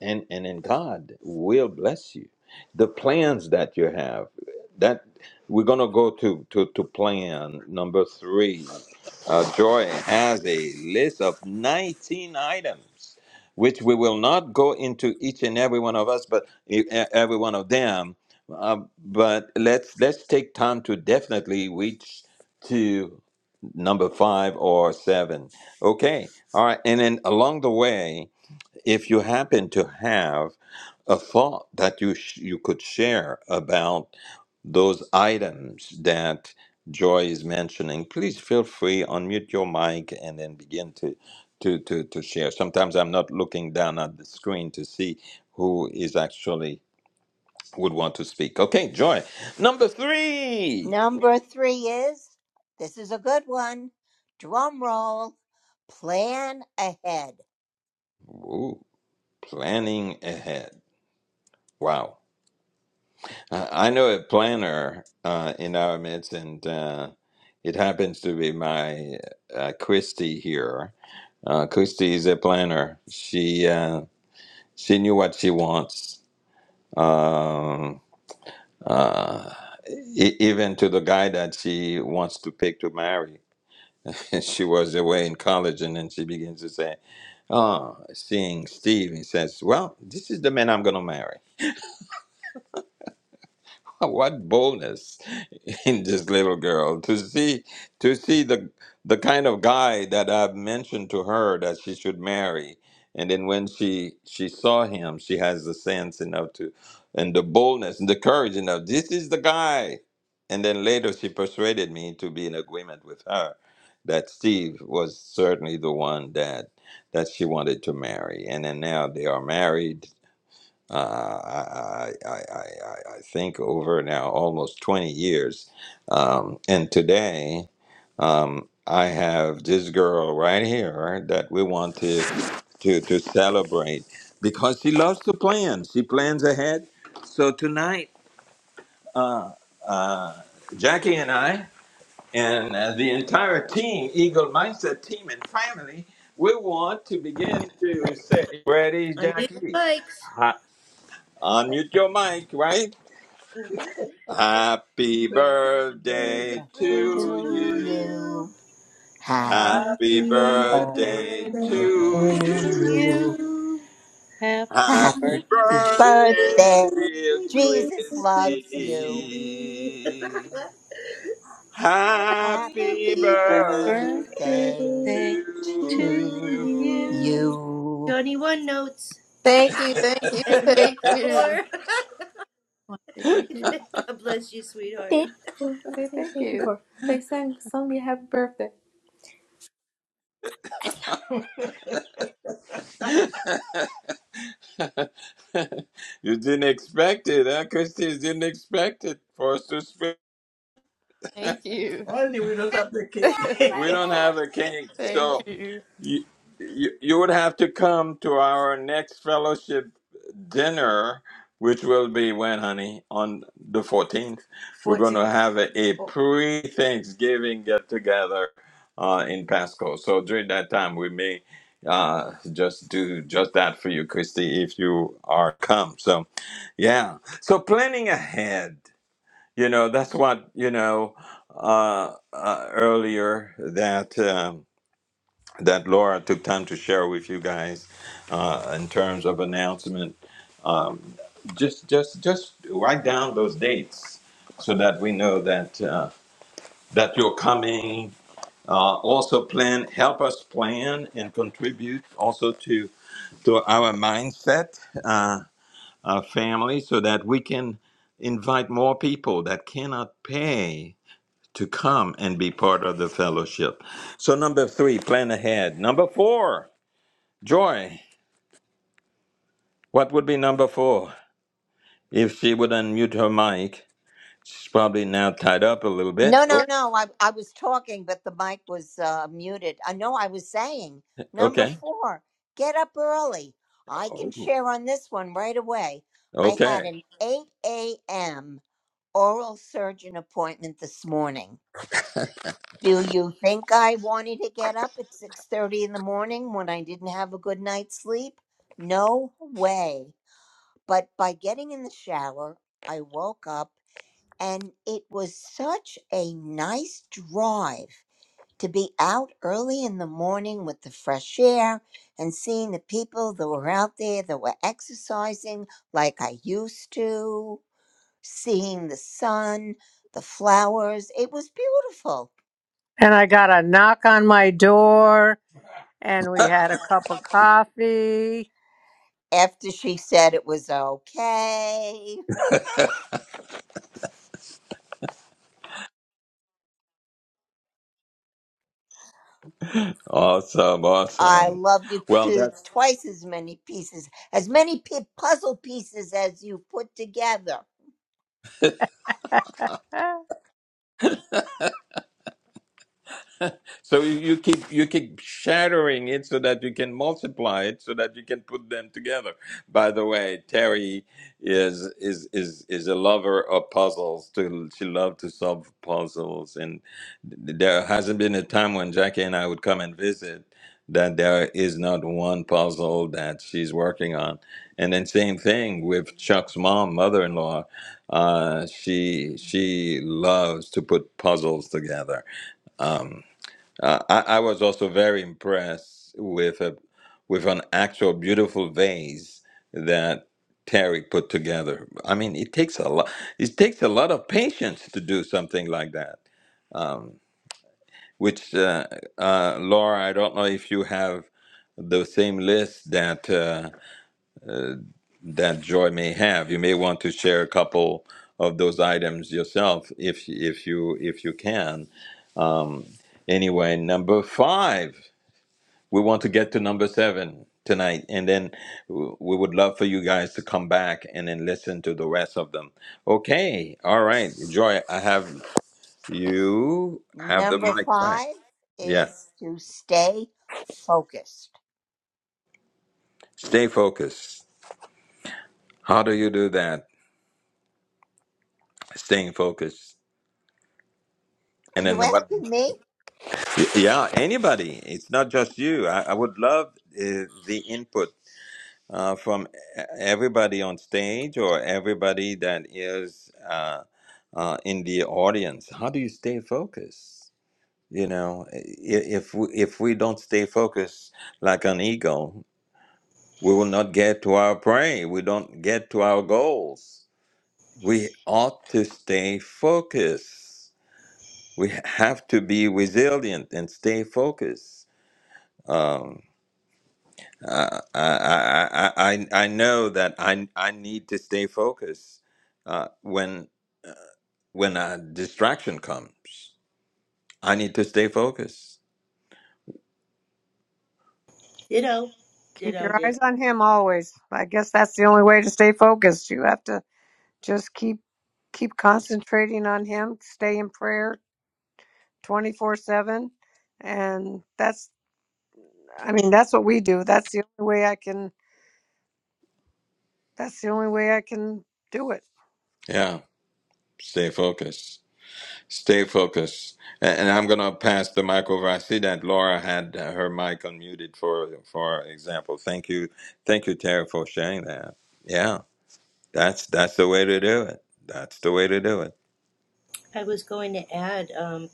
and and in God will bless you. The plans that you have, that we're gonna go to to to plan number three. Uh, Joy has a list of 19 items, which we will not go into each and every one of us, but e- e- every one of them. Uh, but let's let's take time to definitely reach to number five or seven. Okay, all right, and then along the way if you happen to have a thought that you sh- you could share about those items that Joy is mentioning, please feel free unmute your mic and then begin to to to to share. Sometimes I'm not looking down at the screen to see who is actually would want to speak. Okay, Joy, number three. number three is this is a good one drum roll plan ahead Ooh, planning ahead. Wow. I I know a planner uh, in our midst, and uh, it happens to be my uh, Christy here. Uh, Christy is a planner. She uh, she knew what she wants, um, uh, e- even to the guy that she wants to pick to marry. she was away in college, and then she begins to say, "Oh, seeing Steve," he says, "Well, this is the man I'm going to marry." what boldness in this little girl to see to see the the kind of guy that I've mentioned to her that she should marry. And then when she she saw him, she has the sense enough to and the boldness and the courage enough. This is the guy. And then later she persuaded me to be in agreement with her that Steve was certainly the one that that she wanted to marry. And then now they are married uh, I, I, I, I I- think over now almost 20 years. Um, and today, um, I have this girl right here that we want to, to, to celebrate because she loves to plan. She plans ahead. So tonight, uh, uh, Jackie and I, and uh, the entire team, Eagle Mindset team and family, we want to begin to say, Ready, Unmute your Jackie? bikes. Unmute your mic, right? Happy Happy birthday birthday to to to you. you. you Happy Happy Happy birthday birthday birthday to to to you. you. you. you. Happy Happy Happy Happy birthday, birthday, birthday. dear birthday, Jesus dear loves you. Christy. Christy. Happy Happy Happy birthday birthday birthday birthday to to to to you. you. you. Johnny, one notes Thank you, thank you, and thank you. more. Say Thank you. Say God bless you, sweetheart. Say thank thank you you. for. They sang sung me happy birthday. you. you didn't expect it, huh? Christy didn't expect it for us to speak. Thank you. Only we don't have the cake. Happy We don't birthday. have a cake, Thank so you. you, you you would have to come to our next fellowship dinner, which will be when, honey, on the fourteenth. We're going 14. to have a, a Oh, pre-Thanksgiving get together uh, in Pasco. So during that time, we may uh, just do just that for you, Christy, if you are come. So, yeah. So planning ahead. You know, that's what, you know, uh, uh, earlier that um, that Laura took time to share with you guys uh, in terms of announcement. Um, just just just write down those dates so that we know that uh, that you're coming. Uh, also plan help us plan and contribute also to to our mindset uh, our family so that we can invite more people that cannot pay to come and be part of the fellowship. So, number three, plan ahead. Number four, Joy. What would be number four? If she would unmute her mic, she's probably now tied up a little bit. No, Oh, no, no. I, I was talking, but the mic was uh, muted. I know I was saying number okay. four, get up early. I can Oh, share on this one right away. I had Okay. an 8 a.m. oral surgeon appointment this morning. Do you think I wanted to get up at 6:30 in the morning when I didn't have a good night's sleep? No way. But by getting in the shower, I woke up and it was such a nice drive to be out early in the morning with the fresh air and seeing the people that were out there that were exercising like I used to, seeing the sun, the flowers. It was beautiful. And I got a knock on my door and we had a cup of coffee. after she said it was okay. Awesome. I Awesome. love you Well, to that's twice as many pieces, as many pi puzzle pieces as you put together. So you, you keep you keep shattering it so that you can multiply it so that you can put them together. By the way, Terry is is is is a lover of puzzles. To she loved to solve puzzles, and there hasn't been a time when Jackie and I would come and visit that there is not one puzzle that she's working on. And then same thing with Chuck's mom, mother-in-law. Uh, she she loves to put puzzles together. Um, uh, I, I was also very impressed with a with an actual beautiful vase that Terry put together. I mean, it takes a lot. It takes a lot of patience to do something like that. Um, which uh, uh, Laura, I don't know if you have the same list that uh, uh, that Joy may have. You may want to share a couple of those items yourself, if if you if you can. Um, anyway, number five we want to get to number seven tonight and then w- we would love for you guys to come back and then listen to the rest of them okay all right joy i have you have the Number mic back five is yes to stay focused. stay focused how do you do that staying focused Are and you then what asking me? yeah anybody it's not just you i, I would love uh, the input uh, from e- everybody on stage or everybody that is uh, uh, in the audience. How do you stay focused? You know, i- if we, if we don't stay focused like an eagle, we will not get to our prey. We don't get to our goals. We ought to stay focused. We have to be resilient and stay focused. Um, Uh, I, I, I, I know that I, I need to stay focused uh, when when a distraction comes. I need to stay focused. Ditto. Keep Ditto, your ditto. eyes on him always. I guess that's the only way to stay focused. You have to just keep keep concentrating on him, stay in prayer 24/7. And that's I mean, that's what we do. That's the only way I can that's the only way I can do it. Yeah, stay focused. Stay focused. A- And, I'm going to pass the mic over. I see that Laura had uh, her mic unmuted for for example. Thank you, thank you, Tara, for sharing that. Yeah, that's that's the way to do it. That's the way to do it. I was going to add um,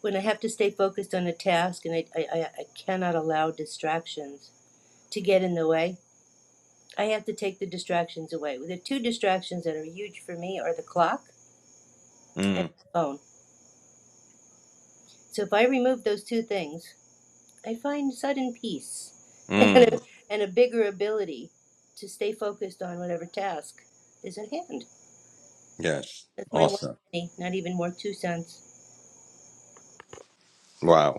when I have to stay focused on a task and I, I, I cannot allow distractions to get in the way, I have to take the distractions away. The two distractions that are huge for me are the clock and Mm, my phone. So if I remove those two things, I find sudden peace and mm, a, and a bigger ability to stay focused on whatever task is at hand. yes, That's my one awesome. penny, not even worth two cents. Wow.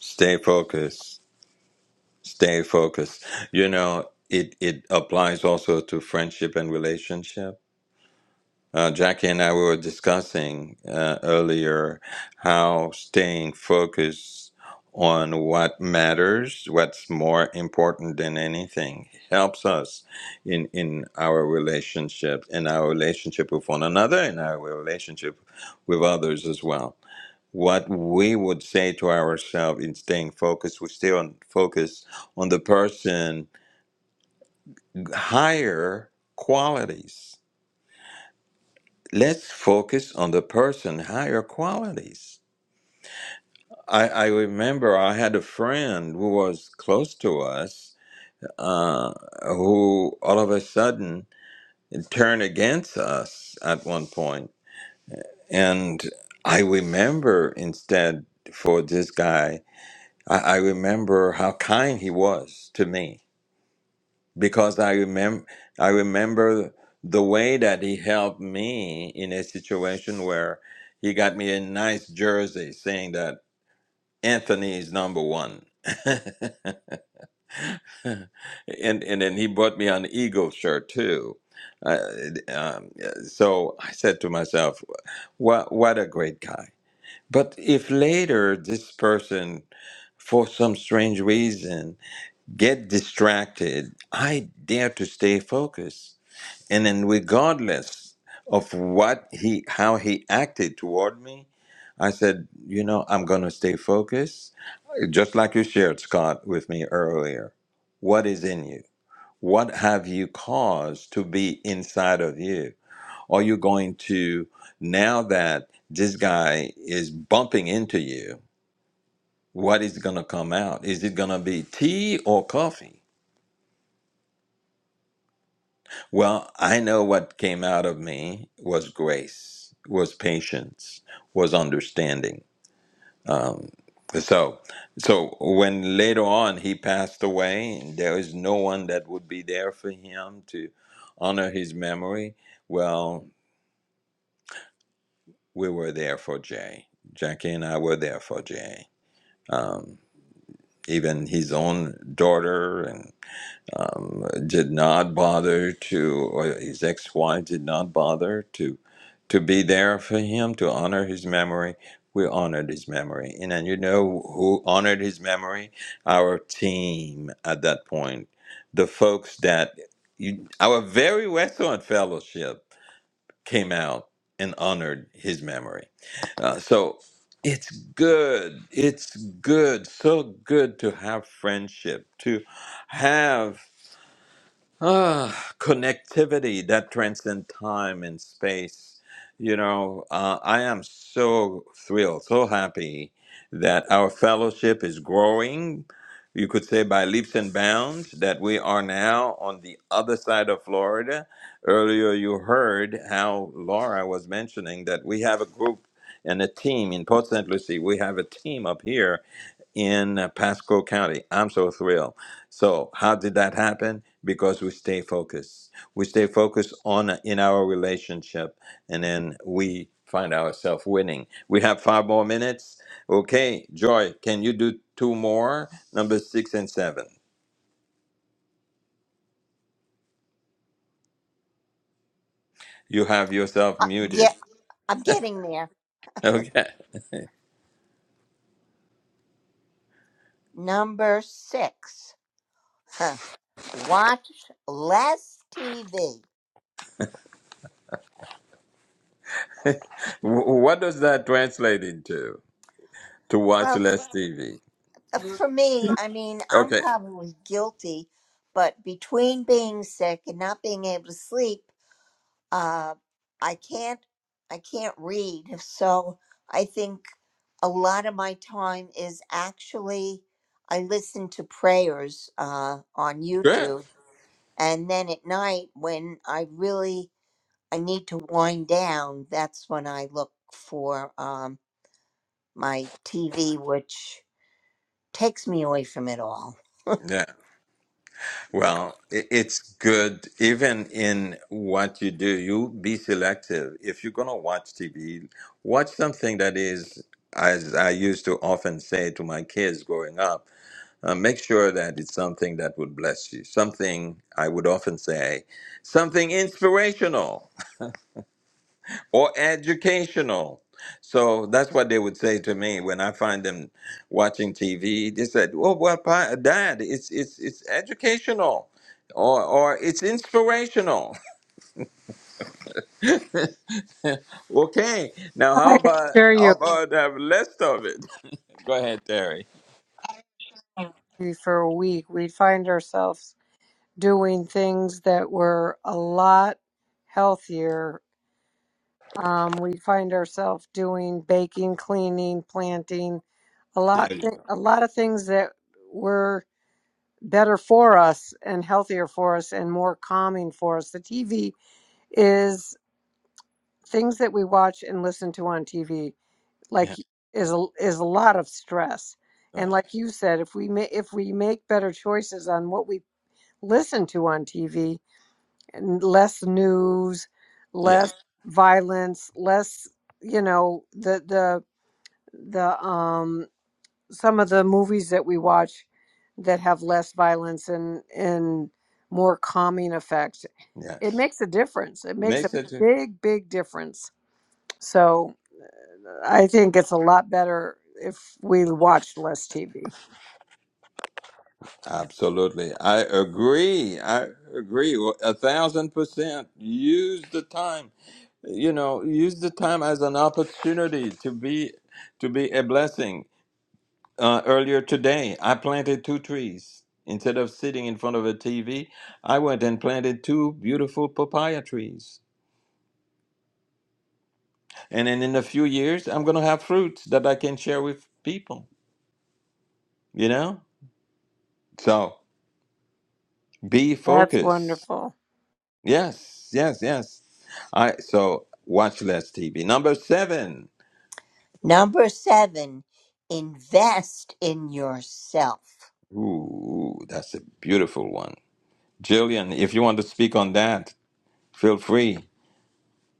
Stay focused. Stay focused. You know, it, it applies also to friendship and relationship. Uh, Jackie and I were discussing uh, earlier how staying focused on what matters, what's more important than anything, helps us in, in our relationship, in our relationship with one another, in our relationship with others as well what we would say to ourselves in staying focused, we stay on focus on the person higher qualities. Let's focus on the person higher qualities. I, I remember I had a friend who was close to us, uh, who all of a sudden turned against us at one point. And I remember instead for this guy, I, I remember how kind he was to me because I remember I remember the way that he helped me in a situation where he got me a nice jersey saying that Anthony is number one. and and then he bought me an eagle shirt too. Uh, um, so I said to myself, what what a great guy. But if later this person for some strange reason get distracted, I dare to stay focused and then regardless of what he how he acted toward me i said you know i'm going to stay focused just like you shared scott with me earlier what is in you what have you caused to be inside of you are you going to now that this guy is bumping into you what is going to come out is it going to be tea or coffee Well, I know what came out of me was grace, was patience, was understanding. So, so when later on he passed away, there is no one that would be there for him to honor his memory. Well, we were there for Jay. Jackie and I were there for Jay. Um, even his own daughter and. um, did not bother to, or his ex-wife did not bother to, to be there for him to honor his memory. We honored his memory, and then you know who honored his memory? Our team at that point, the folks that you, our very Westland Fellowship came out and honored his memory. Uh, so it's good. It's good. So good to have friendship. To have Ah, connectivity that transcends time and space. You know, uh, I am so thrilled, so happy that our fellowship is growing. You could say by leaps and bounds that we are now on the other side of Florida. Earlier, you heard how Laura was mentioning that we have a group and a team in Port St. Lucie. We have a team up here in uh, Pasco County. I'm so thrilled. So, how did that happen? Because we stay focused. We stay focused on uh, in our relationship, and then we find ourselves winning. We have five more minutes. Okay, Joy, can you do two more? Number six and seven. You have yourself Uh, yeah, muted. I'm getting there. Okay. Number six, huh, watch less TV. Wh- What does that translate into? To watch Well, less TV. Uh, For me, I mean, I'm Okay. probably guilty, but between being sick and not being able to sleep, uh, I can't, I can't read. So I think a lot of my time is actually I listen to prayers uh, on Good. YouTube, and then at night when I really I need to wind down, that's when I look for um, my TV, which takes me away from it all. Yeah. Well, i- it's good even in what you do. You be selective. If you're gonna watch TV, watch something that is, as I used to often say to my kids growing up, uh, make sure that it's something that would bless you. Something I would often say, something inspirational or educational. So that's what they would say to me when I find them watching TV. They said, "Well, well, Pa- Dad, it's it's it's educational, or or it's inspirational." okay, now how I about assure how you, about have less of it? Go ahead, Terry. for a week, we'd find ourselves doing things that were a lot healthier Um, we find ourselves doing baking, cleaning, planting, a lot, There you th- go. a lot of things that were better for us and healthier for us and more calming for us. The TV is things that we watch and listen to on TV, like Yeah. is a, is a lot of stress. And Right. like you said, if we ma- if we make better choices on what we listen to on TV, and less news, Yeah. less violence, less you know the the the um some of the movies that we watch that have less violence and and more calming effects it Yes. makes a difference it makes a Makes it. big big difference so i think it's a lot better if we watch less tv Absolutely. I agree. I agree. Well, A thousand percent. Use the time. You know, use the time as an opportunity to be to be a blessing. Uh, earlier today, I planted two trees. Instead of sitting in front of a TV, I went and planted two beautiful papaya trees. And then in a few years, I'm going to have fruits that I can share with people, you know? So be that's focused. wonderful Yes, yes, yes. All right, so watch less TV. Number seven. Number seven, invest in yourself. Ooh, that's a beautiful one. Jillian, if you want to speak on that, feel free.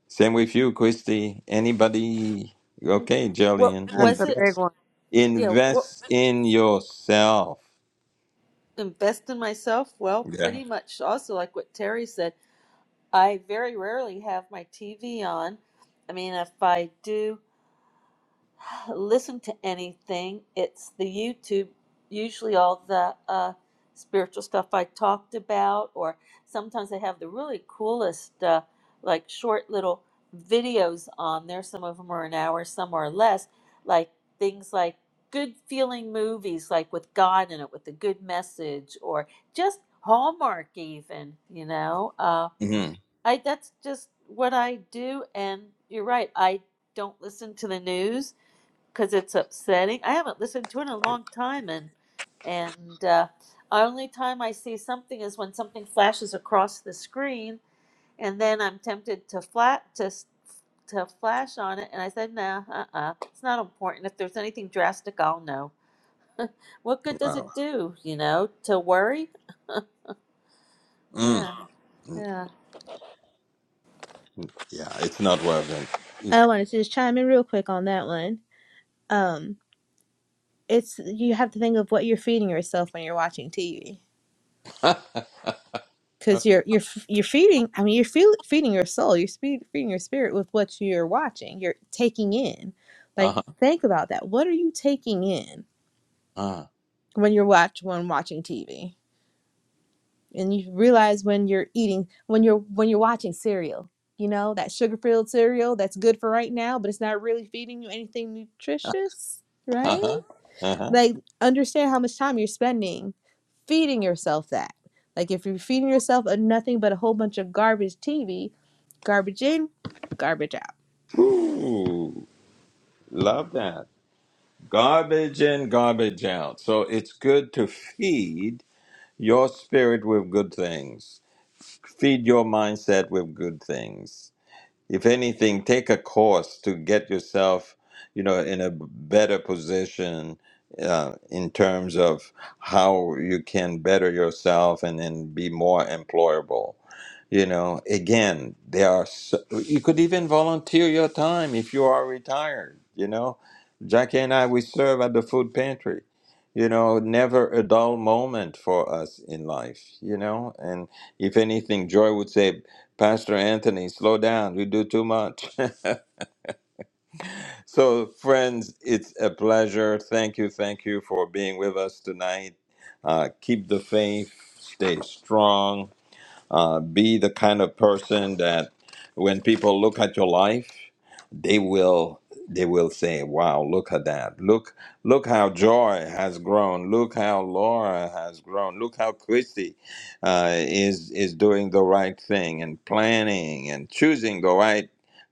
Same with you, Christy. Anybody? Okay, What Jillian. that's was a it? big Invest. one Yeah, what? Invest in yourself. invest in myself? Well, Yeah. pretty much also like what Terry said, I very rarely have my TV on. I mean, if I do listen to anything. It's the YouTube, usually all the uh, spiritual stuff I talked about, or sometimes they have the really coolest, uh, like short little videos on there. Some of them are an hour, some are less. Like things like good feeling movies, like with God in it, with a good message, or just Hallmark, even, you know. Uh, hmm I, that's just what I do. And you're right, I don't listen to the news because it's upsetting. I haven't listened to it in a long time, and and uh, only time I see something is when something flashes across the screen, and then I'm tempted to flat to s- to flash on it, and I said, nah, uh-uh, it's not important. If there's anything drastic, I'll know. What good does it Wow. do, you know, to worry? Mm. Yeah, Mm. yeah. Yeah, it's not working. It's... I wanted to just chime in real quick on that one. Um, it's you have to think of what you're feeding yourself when you're watching TV, uh-huh. because you're you're f- you're feeding. I mean, you're feel, feeding your soul. You're spe- feeding your spirit with what you're watching. You're taking in. Like, Uh-huh. think about that. What are you taking in when you're watch when watching TV? and you realize when you're eating when you're when you're watching cereal you know that sugar filled cereal that's good for right now but it's not really feeding you anything nutritious right Uh-huh. Uh-huh. like understand how much time you're spending feeding yourself that like if you're feeding yourself a nothing but a whole bunch of garbage tv garbage in garbage out Ooh, love that. Garbage in, garbage out. So it's good to feed your spirit with good things, feed your mindset with good things if anything, take a course to get yourself, you know, in a better position uh, in terms of how you can better yourself and then be more employable. You know, again, there are so, you could even volunteer your time if you are retired. You know, Jackie and I we serve at the food pantry. You know, never a dull moment for us in life. You know, and if anything, Joy would say Pastor Anthony, slow down. You do too much. so, friends, it's a pleasure. Thank you. Thank you for being with us tonight. Uh, keep the faith, stay strong. Uh, be the kind of person that when people look at your life, they will they will say, "Wow, look at that! Look look how Joy has grown! Look how Laura has grown! Look how Christy uh, is is doing the right thing and planning and choosing the right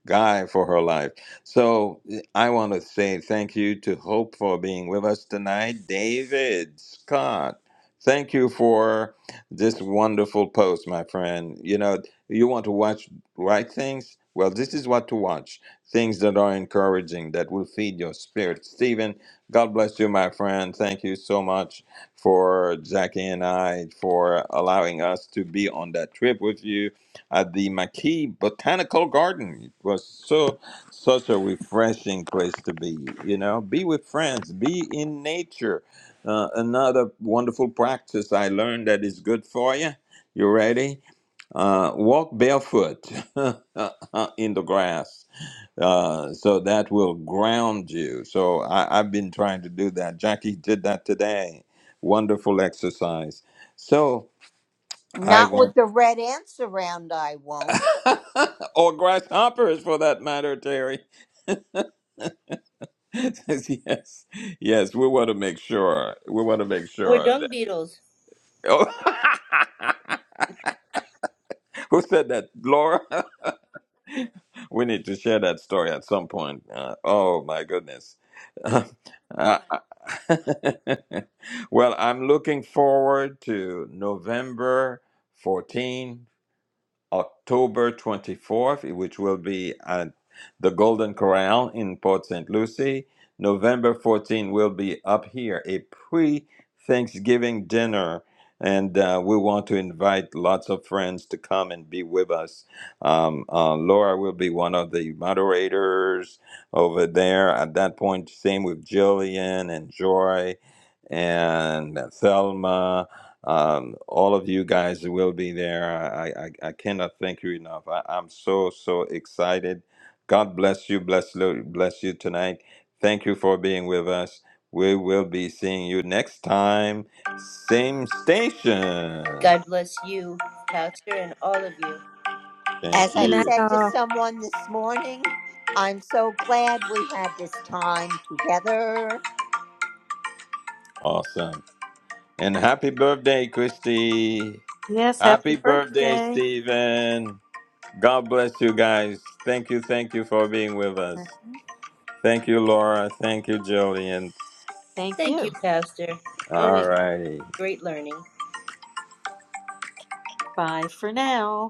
guy for her life." So I want to say thank you to Hope for being with us tonight, David Scott. Thank you for this wonderful post, my friend. You know, you want to watch right things? Well, this is what to watch. Things that are encouraging, that will feed your spirit. Stephen, God bless you, my friend. Thank you so much for Jackie and I for allowing us to be on that trip with you at the McKee Botanical Garden. It was so such a refreshing place to be. You know, be with friends, be in nature uh, another wonderful practice I learned that is good for you. You ready? Uh, walk barefoot in the grass. Uh, so that will ground you. So I, I've been trying to do that. Jackie did that today. Wonderful exercise. So I Not with want, the red ants around, I won't. or grasshoppers for that matter, Terry. yes, yes, we want to make sure. We want to make Or sure dung that. beetles. Oh, who said that, Laura? we need to share that story at some point. Uh, oh my goodness. Uh, I- well, I'm looking forward to November 14. October 24th, which will be at the Golden Corral in Port St. Lucie. November 14th will be up here, a pre Thanksgiving dinner. And uh, we want to invite lots of friends to come and be with us. Um, uh, Laura will be one of the moderators over there. At that point, same with Jillian and Joy and Thelma. Um, all of you guys will be there. I, I, I cannot thank you enough. I, I'm so, so excited. God bless you, bless, lo- bless you tonight. Thank you for being with us. We will be seeing you next time, same station. God bless you, Pastor, and all of you. Thank As I and that you. said to all someone this morning, I'm so glad we had this time together. Awesome. And happy birthday, Christy. Yes, happy Happy birthday, birthday. Stephen. God bless you guys. Thank you, thank you for being with us. Thank you, Laura. Thank you, Jillian. Thank Thank you, you. Pastor. And all Always righty. great learning. Bye for now.